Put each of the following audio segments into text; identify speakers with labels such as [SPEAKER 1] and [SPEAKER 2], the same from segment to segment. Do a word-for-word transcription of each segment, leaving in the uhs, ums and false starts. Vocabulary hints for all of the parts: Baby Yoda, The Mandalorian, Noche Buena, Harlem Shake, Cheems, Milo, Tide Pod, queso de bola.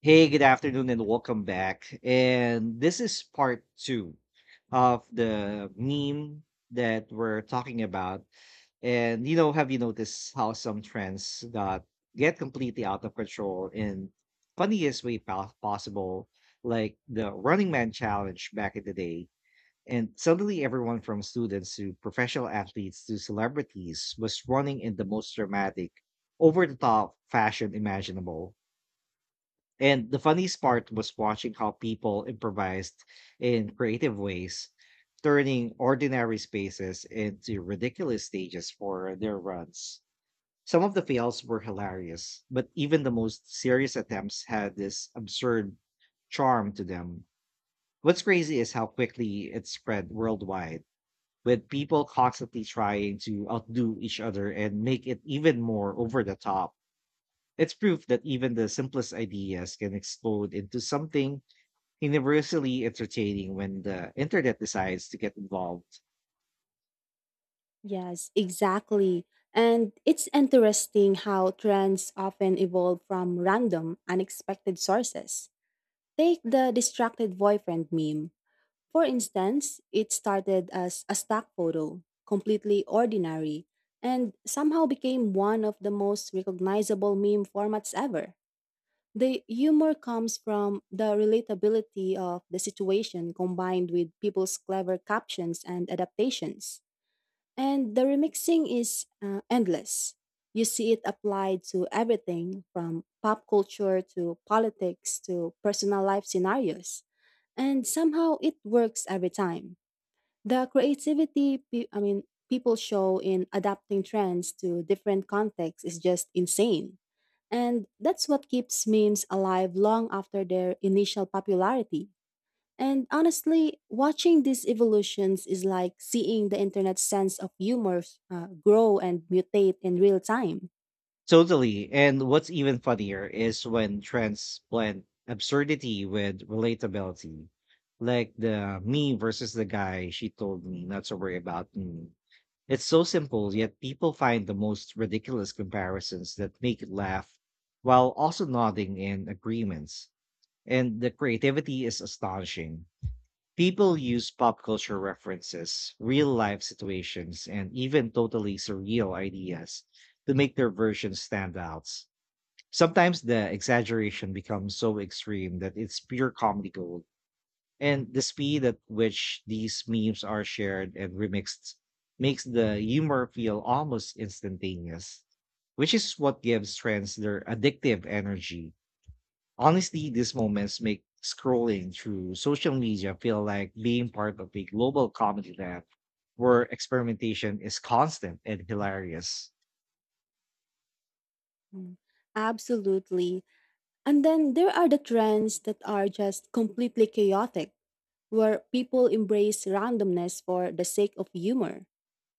[SPEAKER 1] Hey, good afternoon and welcome back. And this is part two of the meme that we're talking about. And you know, have you noticed how some trends got get completely out of control in funniest way po- possible, like the Running Man challenge back in the day. And suddenly everyone from students to professional athletes to celebrities was running in the most dramatic, over the top fashion imaginable and the funniest part was watching how people improvised in creative ways, turning ordinary spaces into ridiculous stages for their runs. Some of the fails were hilarious, but even the most serious attempts had this absurd charm to them. What's crazy is how quickly it spread worldwide, with people constantly trying to outdo each other and make it even more over the top. It's proof that even the simplest ideas can explode into something universally entertaining when the internet decides to get involved.
[SPEAKER 2] Yes, exactly. And it's interesting how trends often evolve from random, unexpected sources. Take the distracted boyfriend meme. For instance, it started as a stock photo, completely ordinary, and somehow became one of the most recognizable meme formats ever. The humor comes from the relatability of the situation combined with people's clever captions and adaptations. And the remixing is uh, endless. You see it applied to everything from pop culture to politics to personal life scenarios. And somehow it works every time. The creativity, pe- I mean, people show in adapting trends to different contexts is just insane. And that's what keeps memes alive long after their initial popularity. And honestly, watching these evolutions is like seeing the internet's sense of humor uh, grow and mutate in real time.
[SPEAKER 1] Totally. And what's even funnier is when trends blend absurdity with relatability, like the me versus the guy she told me not to worry about me. It's so simple, yet people find the most ridiculous comparisons that make it laugh while also nodding in agreements. And the creativity is astonishing. People use pop culture references, real life situations, and even totally surreal ideas to make their versions stand out. Sometimes the exaggeration becomes so extreme that it's pure comedy gold. And the speed at which these memes are shared and remixed makes the humor feel almost instantaneous, which is what gives trends their addictive energy. Honestly, these moments make scrolling through social media feel like being part of a global comedy lab where experimentation is constant and hilarious.
[SPEAKER 2] Mm, Absolutely. And then there are the trends that are just completely chaotic, where people embrace randomness for the sake of humor,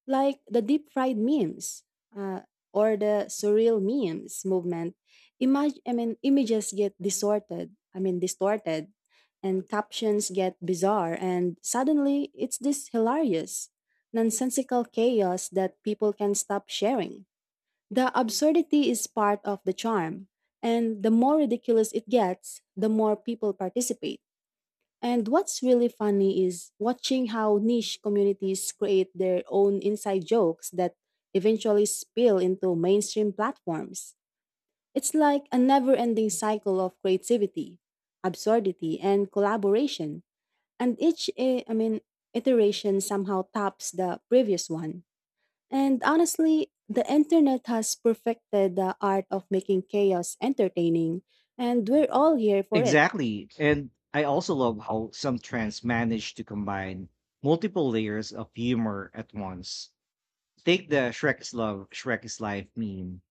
[SPEAKER 2] like the deep fried memes uh, or the surreal memes movement. Imag- i mean images get distorted, i mean distorted and captions get bizarre, and suddenly it's this hilarious, nonsensical chaos that people can stop sharing. The absurdity is part of the charm, and the more ridiculous it gets, the more people participate. And what's really funny is watching how niche communities create their own inside jokes that eventually spill into mainstream platforms. It's like a never ending cycle of creativity, absurdity, and collaboration. And each, eh, I mean, Iteration somehow tops the previous one. And honestly, the internet has perfected the art of making chaos entertaining, and we're all here for it.
[SPEAKER 1] Exactly. And I also love how some trends manage to combine multiple layers of humor at once. Take the Shrek is Love, Shrek is Life meme.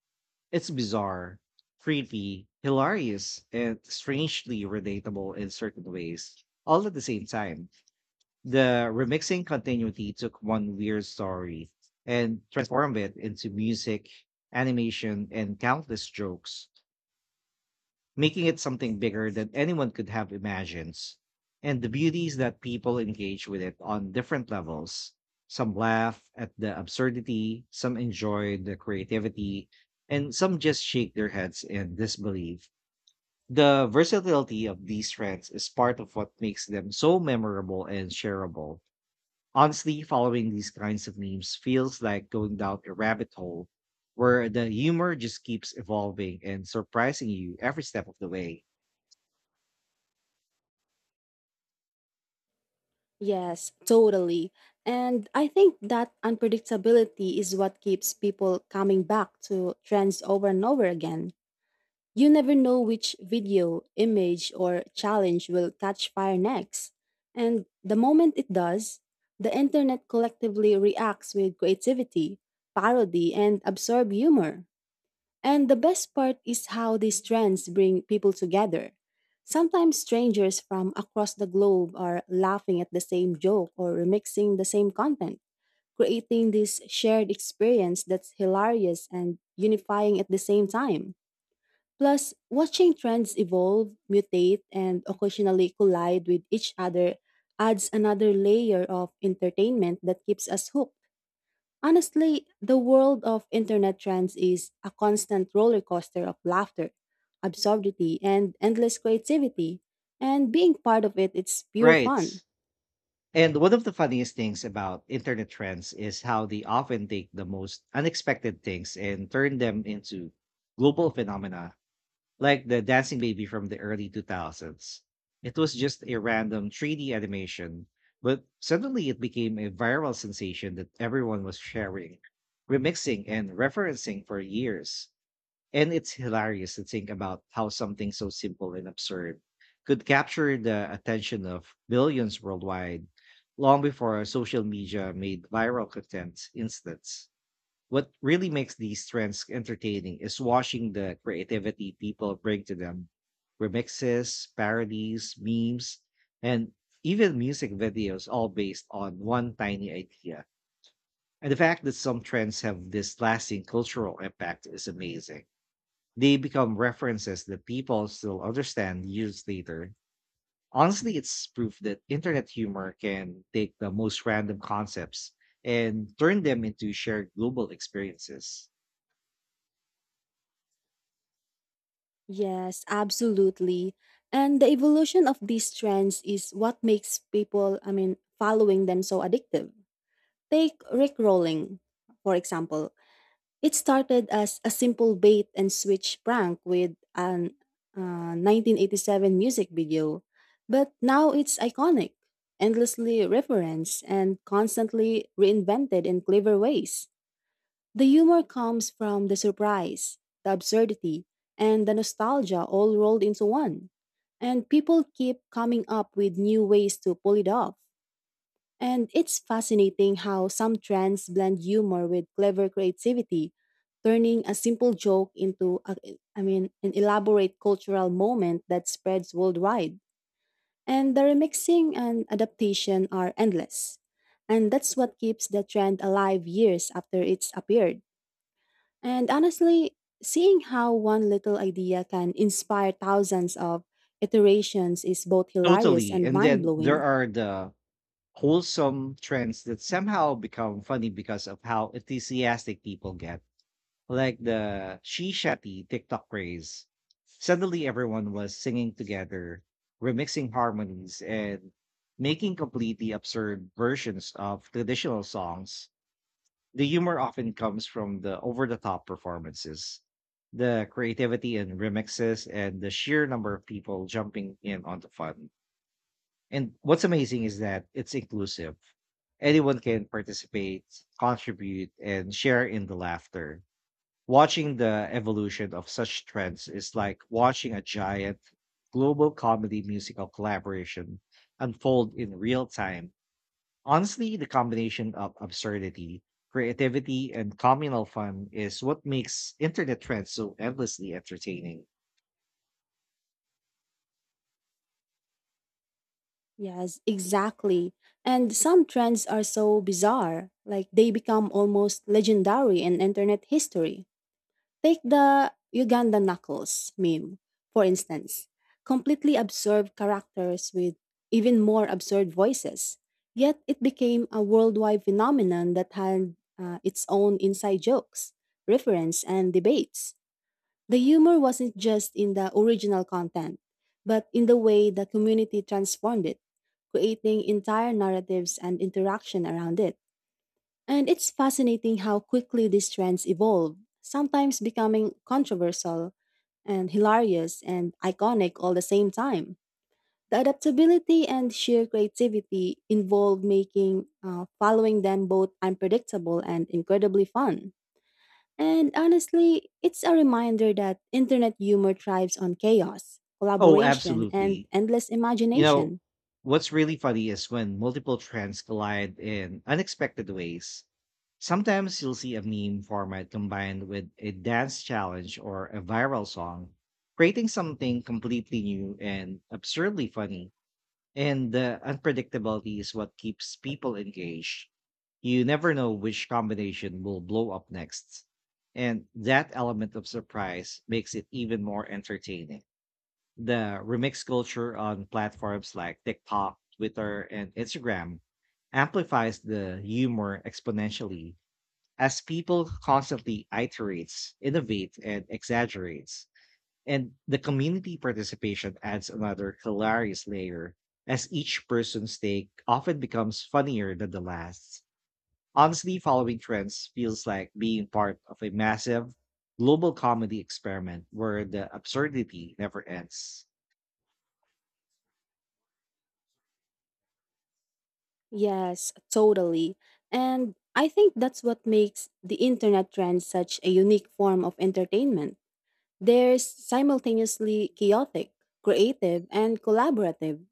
[SPEAKER 1] It's bizarre, creepy, hilarious, and strangely relatable in certain ways, all at the same time. The remixing continuity took one weird story and transformed it into music, animation, and countless jokes, making it something bigger than anyone could have imagined. And the beauty is that people engage with it on different levels. Some laugh at the absurdity, some enjoy the creativity, and some just shake their heads in disbelief. The versatility of these trends is part of what makes them so memorable and shareable. Honestly, following these kinds of memes feels like going down a rabbit hole where the humor just keeps evolving and surprising you every step of the way.
[SPEAKER 2] Yes, totally. And I think that unpredictability is what keeps people coming back to trends over and over again. You never know which video, image, or challenge will catch fire next. And the moment it does, the internet collectively reacts with creativity, parody, and absorb humor. And the best part is how these trends bring people together. Sometimes strangers from across the globe are laughing at the same joke or remixing the same content, creating this shared experience that's hilarious and unifying at the same time. Plus, watching trends evolve, mutate, and occasionally collide with each other adds another layer of entertainment that keeps us hooked. Honestly, the world of internet trends is a constant roller coaster of laughter, absurdity, and endless creativity. And being part of it, it's pure
[SPEAKER 1] Right.
[SPEAKER 2] fun.
[SPEAKER 1] And one of the funniest things about internet trends is how they often take the most unexpected things and turn them into global phenomena. Like the Dancing Baby from the early two thousands. It was just a random three D animation, but suddenly it became a viral sensation that everyone was sharing, remixing, and referencing for years. And it's hilarious to think about how something so simple and absurd could capture the attention of billions worldwide long before social media made viral content instant. What really makes these trends entertaining is watching the creativity people bring to them. Remixes, parodies, memes, and even music videos, all based on one tiny idea. And the fact that some trends have this lasting cultural impact is amazing. They become references that people still understand years later. Honestly, it's proof that internet humor can take the most random concepts and turn them into shared global experiences.
[SPEAKER 2] Yes, absolutely. And the evolution of these trends is what makes people, I mean, following them so addictive. Take Rick Rolling, for example. It started as a simple bait and switch prank with an uh, nineteen eighty-seven music video, but now it's iconic, endlessly referenced, and constantly reinvented in clever ways. The humor comes from the surprise, the absurdity, and the nostalgia all rolled into one. And people keep coming up with new ways to pull it off. And it's fascinating how some trends blend humor with clever creativity, turning a simple joke into a, I mean an elaborate cultural moment that spreads worldwide. And the remixing and adaptation are endless. And that's what keeps the trend alive years after it's appeared. And honestly, seeing how one little idea can inspire thousands of iterations is both hilarious
[SPEAKER 1] Totally.
[SPEAKER 2] and
[SPEAKER 1] And then there
[SPEAKER 2] mind-blowing.
[SPEAKER 1] are the wholesome trends that somehow become funny because of how enthusiastic people get, like the Shisha Tea TikTok craze. Suddenly, everyone was singing together, remixing harmonies, and making completely absurd versions of traditional songs. The humor often comes from the over the top performances, the creativity in remixes, and the sheer number of people jumping in on the fun. And what's amazing is that it's inclusive. Anyone can participate, contribute, and share in the laughter. Watching the evolution of such trends is like watching a giant global comedy musical collaboration unfold in real time. Honestly, the combination of absurdity, creativity, and communal fun is what makes internet trends so endlessly entertaining.
[SPEAKER 2] Yes, exactly. And some trends are so bizarre, like they become almost legendary in internet history. Take the Uganda Knuckles meme, for instance. Completely absurd characters with even more absurd voices. Yet it became a worldwide phenomenon that had uh, its own inside jokes, reference, and debates. The humor wasn't just in the original content, but in the way the community transformed it, creating entire narratives and interaction around it. And it's fascinating how quickly these trends evolve, sometimes becoming controversial and hilarious and iconic all the same time. The adaptability and sheer creativity involved making uh, following them both unpredictable and incredibly fun. And honestly, it's a reminder that internet humor thrives on chaos,
[SPEAKER 1] Oh,
[SPEAKER 2] collaboration, and
[SPEAKER 1] absolutely.
[SPEAKER 2] endless
[SPEAKER 1] You know,
[SPEAKER 2] imagination.
[SPEAKER 1] what's really funny is when multiple trends collide in unexpected ways. Sometimes you'll see a meme format combined with a dance challenge or a viral song, creating something completely new and absurdly funny. And the unpredictability is what keeps people engaged. You never know which combination will blow up next. And that element of surprise makes it even more entertaining. The remix culture on platforms like TikTok, Twitter, and Instagram amplifies the humor exponentially as people constantly iterates, innovate, and exaggerates. And the community participation adds another hilarious layer as each person's take often becomes funnier than the last. Honestly, following trends feels like being part of a massive global comedy experiment where the absurdity never ends.
[SPEAKER 2] Yes, totally. And I think that's what makes the internet trend such a unique form of entertainment. There's simultaneously chaotic, creative, and collaborative.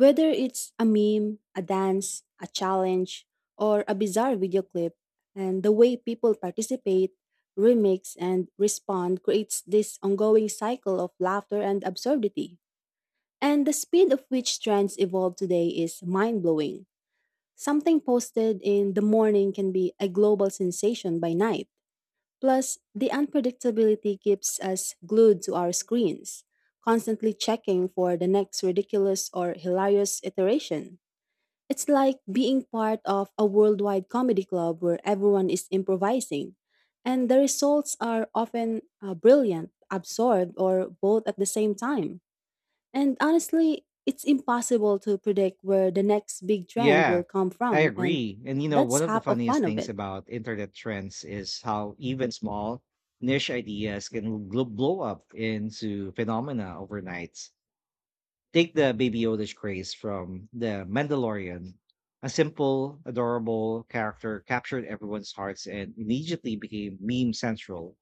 [SPEAKER 2] Whether it's a meme, a dance, a challenge, or a bizarre video clip, and the way people participate, remix, and respond creates this ongoing cycle of laughter and absurdity. And the speed of which trends evolve today is mind blowing. Something posted in the morning can be a global sensation by night. Plus, the unpredictability keeps us glued to our screens, constantly checking for the next ridiculous or hilarious iteration. It's like being part of a worldwide comedy club where everyone is improvising, and the results are often uh, brilliant, absurd, or both at the same time. And honestly, it's impossible to predict where the next big trend
[SPEAKER 1] Yeah,
[SPEAKER 2] will come
[SPEAKER 1] I
[SPEAKER 2] from, and
[SPEAKER 1] agree. And you know,
[SPEAKER 2] that's
[SPEAKER 1] one of the
[SPEAKER 2] half of
[SPEAKER 1] funniest
[SPEAKER 2] fun of
[SPEAKER 1] things
[SPEAKER 2] it.
[SPEAKER 1] about internet trends is how even small niche ideas can gl- blow up into phenomena overnight. Take the Baby Yoda craze from The Mandalorian. A simple, adorable character captured everyone's hearts and immediately became meme central.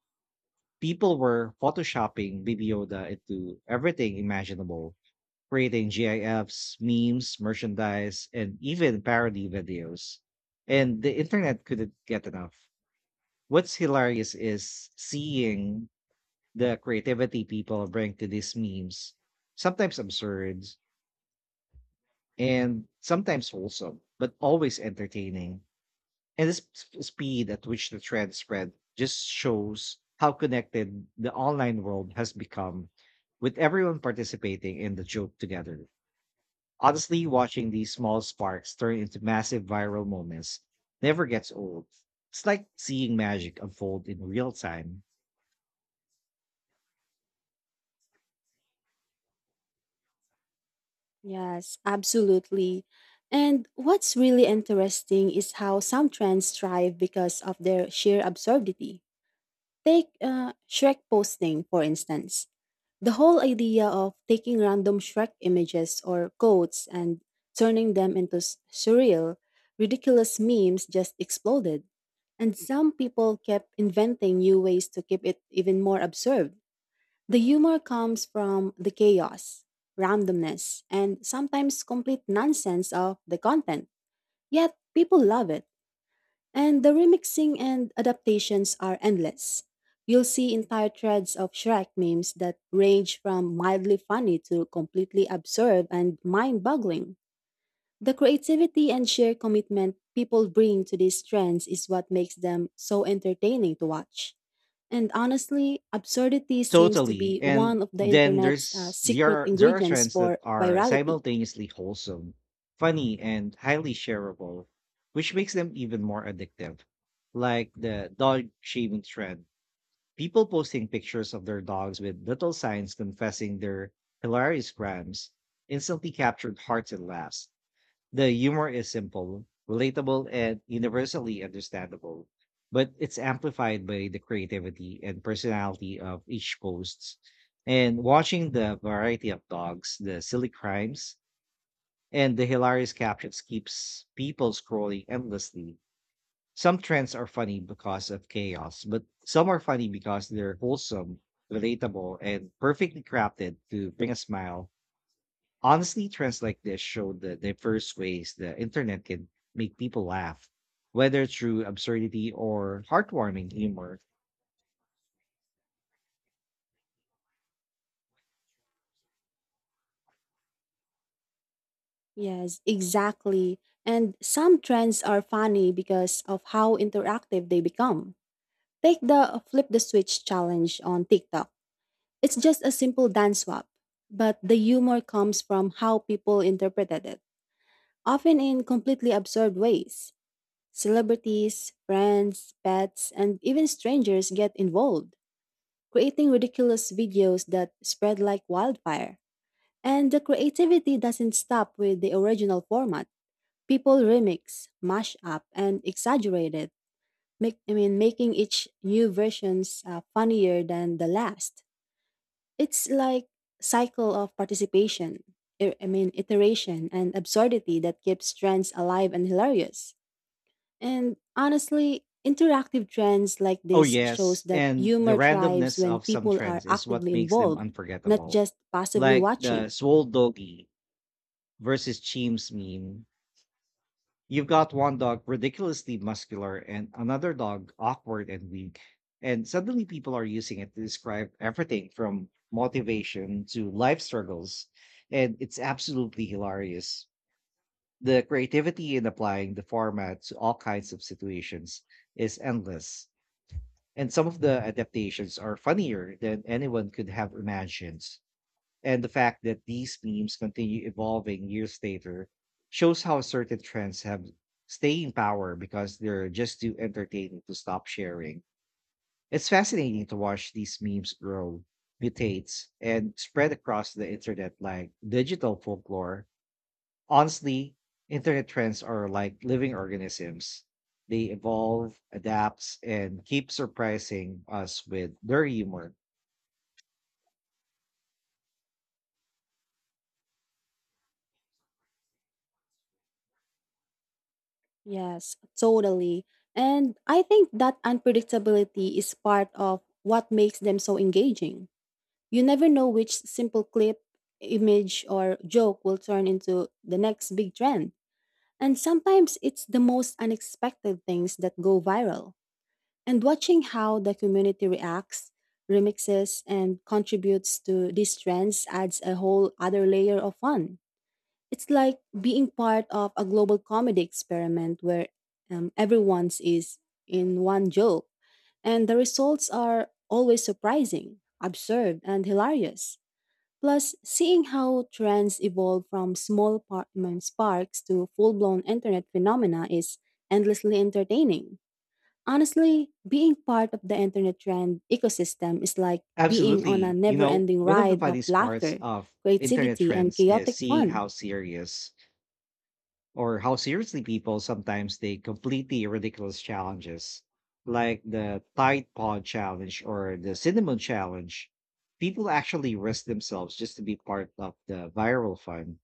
[SPEAKER 1] People were photoshopping Baby Yoda into everything imaginable, creating GIFs, memes, merchandise, and even parody videos. And the internet couldn't get enough. What's hilarious is seeing the creativity people bring to these memes, sometimes absurd and sometimes wholesome, but always entertaining. And the sp- speed at which the trend spread just shows how connected the online world has become with everyone participating in the joke together. Honestly, watching these small sparks turn into massive viral moments never gets old. It's like seeing magic unfold in real time.
[SPEAKER 2] Yes, absolutely. And what's really interesting is how some trends thrive because of their sheer absurdity. Take uh, Shrek posting, for instance. The whole idea of taking random Shrek images or quotes and turning them into s- surreal, ridiculous memes just exploded. And some people kept inventing new ways to keep it even more absurd. The humor comes from the chaos, randomness, and sometimes complete nonsense of the content. Yet people love it. And the remixing and adaptations are endless. You'll see entire threads of Shrek memes that range from mildly funny to completely absurd and mind boggling. The creativity and sheer commitment people bring to these trends is what makes them so entertaining to watch. And honestly, absurdity seems to
[SPEAKER 1] Totally.
[SPEAKER 2] be one
[SPEAKER 1] And
[SPEAKER 2] of the
[SPEAKER 1] then
[SPEAKER 2] internet's uh,
[SPEAKER 1] there's there
[SPEAKER 2] secret
[SPEAKER 1] are there are
[SPEAKER 2] ingredients
[SPEAKER 1] trends that
[SPEAKER 2] for
[SPEAKER 1] are
[SPEAKER 2] virality.
[SPEAKER 1] simultaneously wholesome, funny, and highly shareable, which makes them even more addictive. Like the dog shaving trend. People posting pictures of their dogs with little signs confessing their hilarious crimes instantly captured hearts and laughs. The humor is simple, relatable, and universally understandable, but it's amplified by the creativity and personality of each host. And watching the variety of dogs, the silly crimes, and the hilarious captions keeps people scrolling endlessly. Some trends are funny because of chaos, but some are funny because they're wholesome, relatable, and perfectly crafted to bring a smile. Honestly, trends like this show the diverse ways the internet can make people laugh, whether through absurdity or heartwarming humor.
[SPEAKER 2] Yes, exactly. And some trends are funny because of how interactive they become. Take the flip the switch challenge on TikTok. It's just a simple dance swap, but the humor comes from how people interpreted it, often in completely absurd ways. Celebrities, friends, pets, and even strangers get involved, creating ridiculous videos that spread like wildfire. And the creativity doesn't stop with the original format. People remix, mash up, and exaggerate it. Make, I mean, making each new versions uh, funnier than the last. It's like cycle of participation. I I mean, iteration and absurdity that keeps trends alive and hilarious. And honestly, interactive trends like
[SPEAKER 1] Oh,
[SPEAKER 2] this shows
[SPEAKER 1] yes.
[SPEAKER 2] that
[SPEAKER 1] And the
[SPEAKER 2] humor thrives
[SPEAKER 1] randomness of
[SPEAKER 2] when
[SPEAKER 1] some
[SPEAKER 2] people are
[SPEAKER 1] trends is what
[SPEAKER 2] actively
[SPEAKER 1] makes them
[SPEAKER 2] involved, not
[SPEAKER 1] unforgettable.
[SPEAKER 2] just passively
[SPEAKER 1] Like the
[SPEAKER 2] watching.
[SPEAKER 1] swole doggy versus Cheems meme. You've got one dog ridiculously muscular and another dog awkward and weak. And suddenly people are using it to describe everything from motivation to life struggles. And it's absolutely hilarious. The creativity in applying the format to all kinds of situations is endless. And some of the adaptations are funnier than anyone could have imagined. And the fact that these memes continue evolving years later shows how certain trends have staying power because they're just too entertaining to stop sharing. It's fascinating to watch these memes grow, mutate, and spread across the internet like digital folklore. Honestly, internet trends are like living organisms. They evolve, adapt, and keep surprising us with their humor.
[SPEAKER 2] Yes, totally. And I think that unpredictability is part of what makes them so engaging. You never know which simple clip, image, or joke will turn into the next big trend. And sometimes it's the most unexpected things that go viral. And watching how the community reacts, remixes, and contributes to these trends adds a whole other layer of fun. It's like being part of a global comedy experiment where um, everyone's is in one joke, and the results are always surprising, absurd, and hilarious. Plus, seeing how trends evolve from small par- I mean, sparks to full blown internet phenomena is endlessly entertaining. Honestly, being part of the internet trend ecosystem is like being on a
[SPEAKER 1] Absolutely. You
[SPEAKER 2] never
[SPEAKER 1] know,
[SPEAKER 2] ending
[SPEAKER 1] one of the
[SPEAKER 2] ride of
[SPEAKER 1] funniest parts
[SPEAKER 2] laughter,
[SPEAKER 1] of internet
[SPEAKER 2] creativity, and
[SPEAKER 1] trends is
[SPEAKER 2] chaotic
[SPEAKER 1] seeing
[SPEAKER 2] fun.
[SPEAKER 1] how serious or how seriously people sometimes take completely ridiculous challenges, like the Tide Pod challenge or the cinnamon challenge. People actually risk themselves just to be part of the viral fun.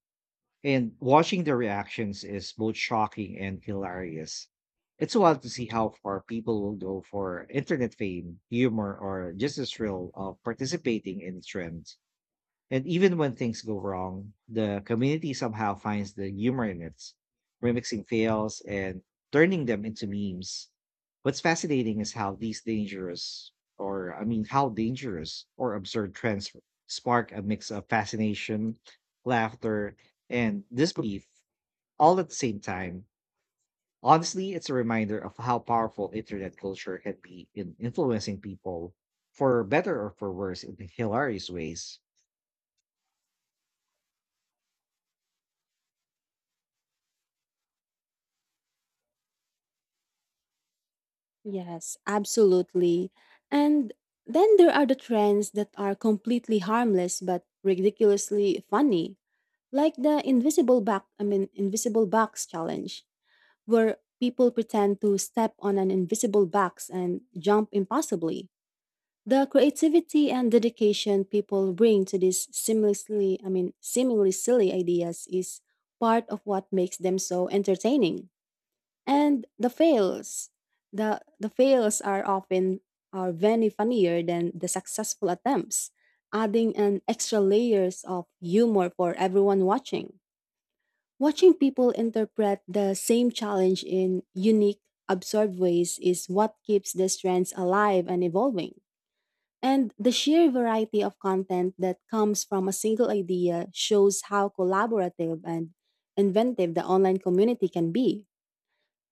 [SPEAKER 1] And watching the reactions is both shocking and hilarious. It's wild to see how far people will go for internet fame, humor, or just the thrill of participating in a trend. And even when things go wrong, the community somehow finds the humor in it, remixing fails and turning them into memes. What's fascinating is how these dangerous, or I mean, how dangerous or absurd trends spark a mix of fascination, laughter, and disbelief all at the same time. Honestly, it's a reminder of how powerful internet culture can be in influencing people for better or for worse in hilarious ways.
[SPEAKER 2] Yes, absolutely. And then there are the trends that are completely harmless but ridiculously funny, like the invisible box, I mean invisible box challenge, where people pretend to step on an invisible box and jump impossibly. The creativity and dedication people bring to these seamlessly, I mean seemingly silly ideas is part of what makes them so entertaining. And the fails, the the fails are often are very funnier than the successful attempts, adding an extra layers of humor for everyone watching. Watching people interpret the same challenge in unique, absurd ways is what keeps the trends alive and evolving. And the sheer variety of content that comes from a single idea shows how collaborative and inventive the online community can be.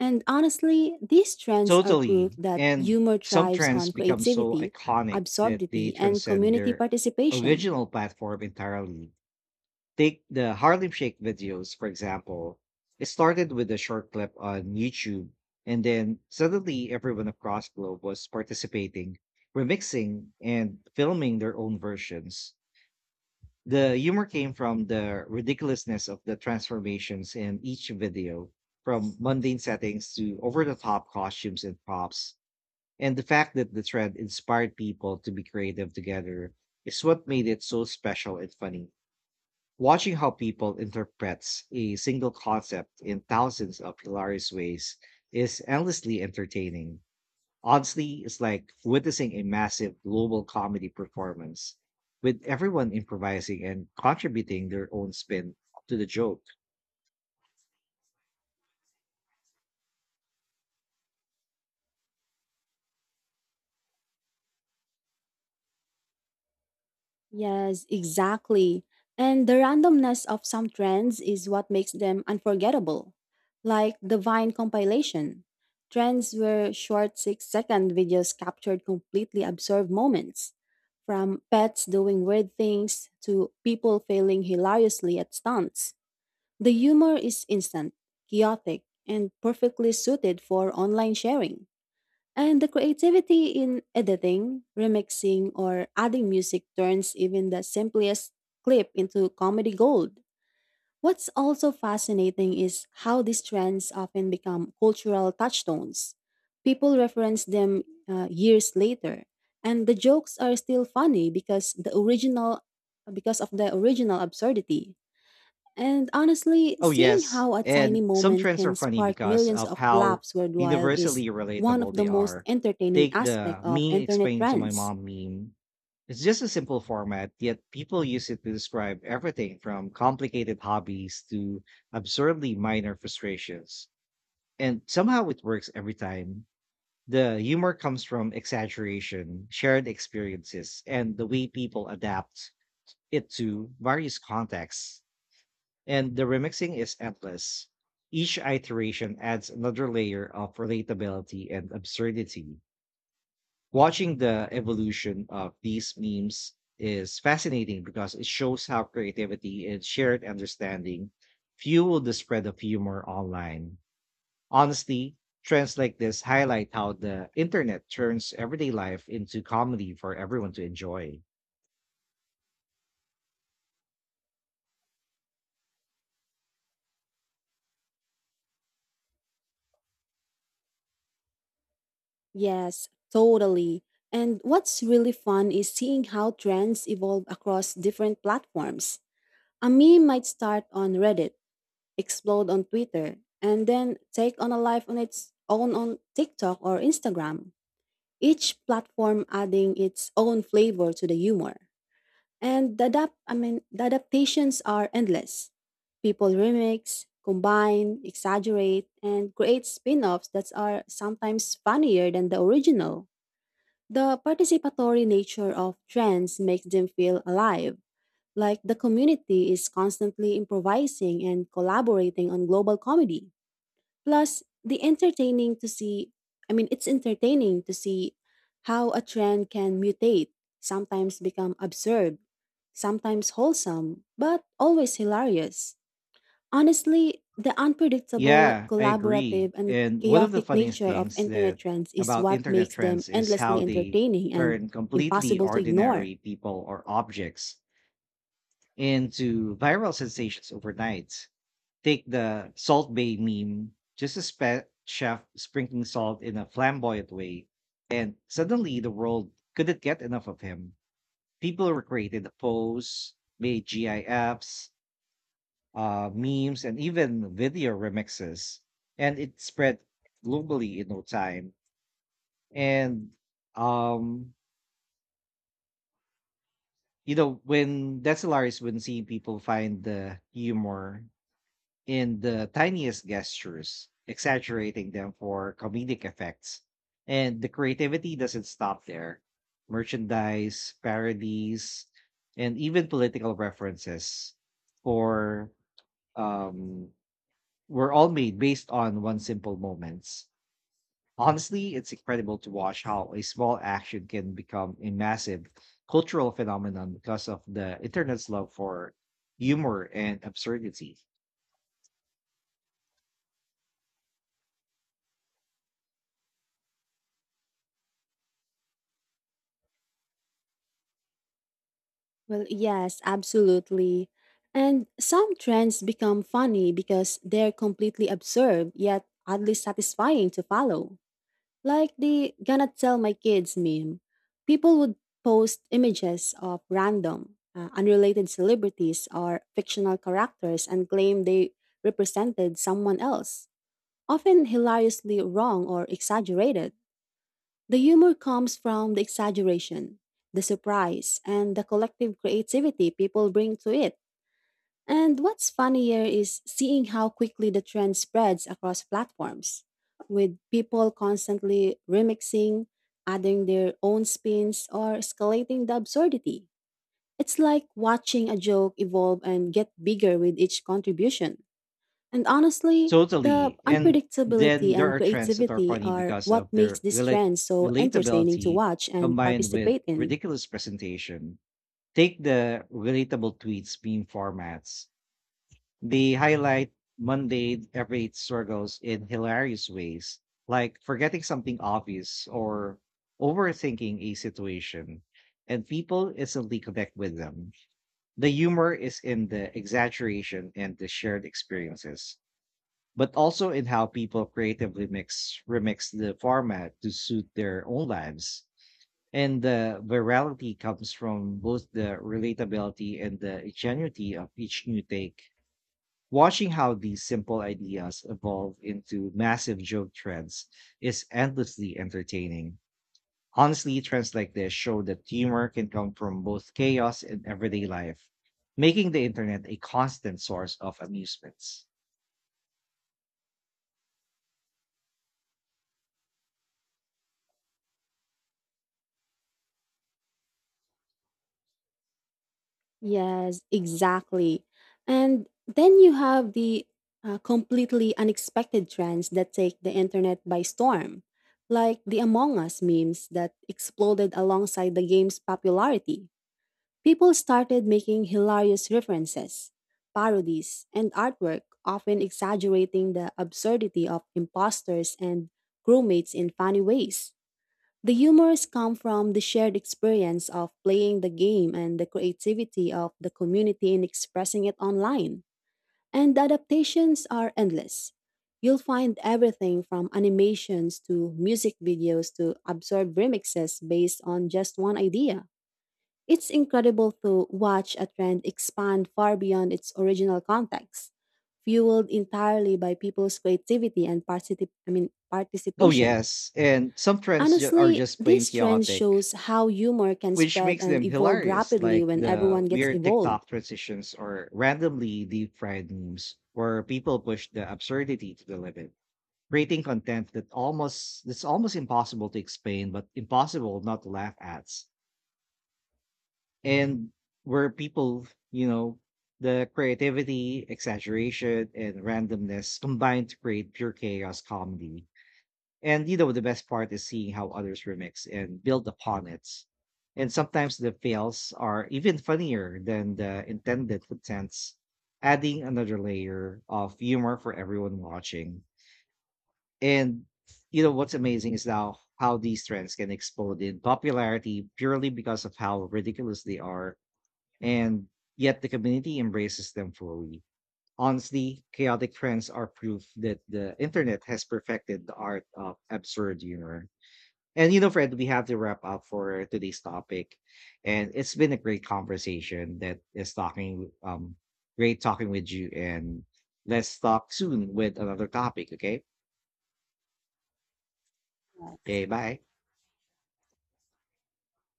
[SPEAKER 2] And honestly, these trends are proof
[SPEAKER 1] Totally.
[SPEAKER 2] that
[SPEAKER 1] And
[SPEAKER 2] humor
[SPEAKER 1] some
[SPEAKER 2] thrives
[SPEAKER 1] trends
[SPEAKER 2] on
[SPEAKER 1] become so
[SPEAKER 2] creativity,
[SPEAKER 1] iconic that they
[SPEAKER 2] absurdity, and
[SPEAKER 1] transcend
[SPEAKER 2] community
[SPEAKER 1] their
[SPEAKER 2] participation.
[SPEAKER 1] original platform entirely. Take the Harlem Shake videos, for example. It started with a short clip on YouTube, and then suddenly everyone across globe was participating, remixing, and filming their own versions. The humor came from the ridiculousness of the transformations in each video, from mundane settings to over the top costumes and props and the fact that the thread inspired people to be creative together is what made it so special and funny. Watching how people interprets a single concept in thousands of hilarious ways is endlessly entertaining. Honestly, it's like witnessing a massive global comedy performance with everyone improvising and contributing their own spin to the joke.
[SPEAKER 2] Yes, exactly. And the randomness of some trends is what makes them unforgettable. Like the Vine compilation. Trends where short six second videos captured completely absurd moments, from pets doing weird things to people failing hilariously at stunts. The humor is instant, chaotic, and perfectly suited for online sharing. And the creativity in editing, remixing, or adding music turns even the simplest clip into comedy gold. What's also fascinating is how these trends often become cultural touchstones. People reference them uh, years later, and the jokes are still funny because the original because of the original absurdity. And honestly,
[SPEAKER 1] Oh,
[SPEAKER 2] seeing
[SPEAKER 1] yes.
[SPEAKER 2] how a tiny
[SPEAKER 1] And some
[SPEAKER 2] moment
[SPEAKER 1] trends are
[SPEAKER 2] can
[SPEAKER 1] funny
[SPEAKER 2] spark
[SPEAKER 1] because
[SPEAKER 2] millions
[SPEAKER 1] of
[SPEAKER 2] of
[SPEAKER 1] how
[SPEAKER 2] laughs worldwide is
[SPEAKER 1] universally
[SPEAKER 2] one of
[SPEAKER 1] relatable
[SPEAKER 2] the
[SPEAKER 1] they
[SPEAKER 2] most
[SPEAKER 1] are.
[SPEAKER 2] entertaining
[SPEAKER 1] Take
[SPEAKER 2] aspects
[SPEAKER 1] the
[SPEAKER 2] of
[SPEAKER 1] me
[SPEAKER 2] internet
[SPEAKER 1] explain to my
[SPEAKER 2] trends.
[SPEAKER 1] mom meme. It's just a simple format, yet people use it to describe everything from complicated hobbies to absurdly minor frustrations. And somehow it works every time. The humor comes from exaggeration, shared experiences, and the way people adapt it to various contexts. And the remixing is endless. Each iteration adds another layer of relatability and absurdity. Watching the evolution of these memes is fascinating because it shows how creativity and shared understanding fuel the spread of humor online. Honestly, trends like this highlight how the internet turns everyday life into comedy for everyone to enjoy.
[SPEAKER 2] Yes, totally. And what's really fun is seeing how trends evolve across different platforms. A meme might start on Reddit, explode on Twitter, and then take on a life on its own on TikTok or Instagram, each platform adding its own flavor to the humor. And the adapt I mean the adaptations are endless. People remix, combine, exaggerate, and create spin-offs that are sometimes funnier than the original. The participatory nature of trends makes them feel alive, like the community is constantly improvising and collaborating on global comedy. Plus, the entertaining to see, I mean, it's entertaining to see how a trend can mutate, sometimes become absurd, sometimes wholesome, but always hilarious. Honestly, the unpredictable,
[SPEAKER 1] Yeah, I agree.
[SPEAKER 2] collaborative, and
[SPEAKER 1] And one of the
[SPEAKER 2] chaotic
[SPEAKER 1] funniest
[SPEAKER 2] nature of
[SPEAKER 1] things that
[SPEAKER 2] internet trends is
[SPEAKER 1] about
[SPEAKER 2] what
[SPEAKER 1] internet
[SPEAKER 2] makes them
[SPEAKER 1] trends is
[SPEAKER 2] endlessly
[SPEAKER 1] how they
[SPEAKER 2] entertaining and
[SPEAKER 1] turn completely
[SPEAKER 2] impossible to ignore.
[SPEAKER 1] ordinary people or objects into viral sensations overnight. Take the Salt Bay meme, just a spe- chef sprinkling salt in a flamboyant way, and suddenly the world couldn't get enough of him. People recreated the pose, made GIFs, uh, memes, and even video remixes. And it spread globally in no time. And, um, you know, when Decellaris, when seeing people find the humor in the tiniest gestures, exaggerating them for comedic effects. And the creativity doesn't stop there. Merchandise, parodies, and even political references for um were all made based on one simple moments. Honestly, it's incredible to watch how a small action can become a massive cultural phenomenon because of the internet's love for humor and absurdity.
[SPEAKER 2] Well, yes, absolutely. And some trends become funny because they're completely absurd yet oddly satisfying to follow. Like the gonna tell my kids meme. People would post images of random, uh, unrelated celebrities or fictional characters and claim they represented someone else, often hilariously wrong or exaggerated. The humor comes from the exaggeration, the surprise, and the collective creativity people bring to it. And what's funnier is seeing how quickly the trend spreads across platforms, with people constantly remixing, adding their own spins, or escalating the absurdity. It's like watching a joke evolve and get bigger with each contribution. And honestly, the
[SPEAKER 1] Totally. And then
[SPEAKER 2] unpredictability
[SPEAKER 1] there
[SPEAKER 2] and
[SPEAKER 1] are trends that are
[SPEAKER 2] creativity
[SPEAKER 1] funny
[SPEAKER 2] are
[SPEAKER 1] because
[SPEAKER 2] what
[SPEAKER 1] of
[SPEAKER 2] makes
[SPEAKER 1] their
[SPEAKER 2] this
[SPEAKER 1] relate-
[SPEAKER 2] trend so entertaining to
[SPEAKER 1] relatability
[SPEAKER 2] watch and
[SPEAKER 1] combined with
[SPEAKER 2] participate in.
[SPEAKER 1] ridiculous presentation. Take the relatable tweets meme formats. They highlight mundane everyday struggles in hilarious ways, like forgetting something obvious or overthinking a situation, and people instantly connect with them. The humor is in the exaggeration and the shared experiences, but also in how people creatively mix remix the format to suit their own lives. And the virality comes from both the relatability and the ingenuity of each new take. Watching how these simple ideas evolve into massive joke trends is endlessly entertaining. Honestly, trends like this show that humor can come from both chaos and everyday life, making the internet a constant source of amusements.
[SPEAKER 2] Yes, exactly. And then you have the uh, completely unexpected trends that take the internet by storm, like the Among Us memes that exploded alongside the game's popularity. People started making hilarious references, parodies, and artwork, often exaggerating the absurdity of imposters and crewmates in funny ways. The humors come from the shared experience of playing the game and the creativity of the community in expressing it online. And the adaptations are endless. You'll find everything from animations to music videos to absurd remixes based on just one idea. It's incredible to watch a trend expand far beyond its original context, fueled entirely by people's creativity and particip- I mean,
[SPEAKER 1] Oh,
[SPEAKER 2] participation.
[SPEAKER 1] yes, and some trends ju- are
[SPEAKER 2] Honestly,
[SPEAKER 1] just plain
[SPEAKER 2] this trend
[SPEAKER 1] chaotic,
[SPEAKER 2] shows how humor can
[SPEAKER 1] which
[SPEAKER 2] spread
[SPEAKER 1] makes
[SPEAKER 2] and
[SPEAKER 1] them
[SPEAKER 2] evolve
[SPEAKER 1] hilarious,
[SPEAKER 2] rapidly
[SPEAKER 1] like
[SPEAKER 2] when
[SPEAKER 1] the
[SPEAKER 2] everyone gets
[SPEAKER 1] weird
[SPEAKER 2] involved.
[SPEAKER 1] TikTok transitions or randomly deep fried memes where people push the absurdity to the limit, creating content that almost that's almost impossible to explain but impossible not to laugh at. And, where people you know the creativity, exaggeration, and randomness combine to create pure chaos comedy. And, you know, the best part is seeing how others remix and build upon it, and sometimes the fails are even funnier than the intended contents, adding another layer of humor for everyone watching. And, you know, what's amazing is now how these trends can explode in popularity purely because of how ridiculous they are, and yet the community embraces them fully. Honestly, chaotic trends are proof that the internet has perfected the art of absurd humor. And you know, Fred, we have to wrap up for today's topic, and it's been a great conversation. That is talking, um, great talking with you, and let's talk soon with another topic. Okay,
[SPEAKER 2] Yes,
[SPEAKER 1] okay, bye.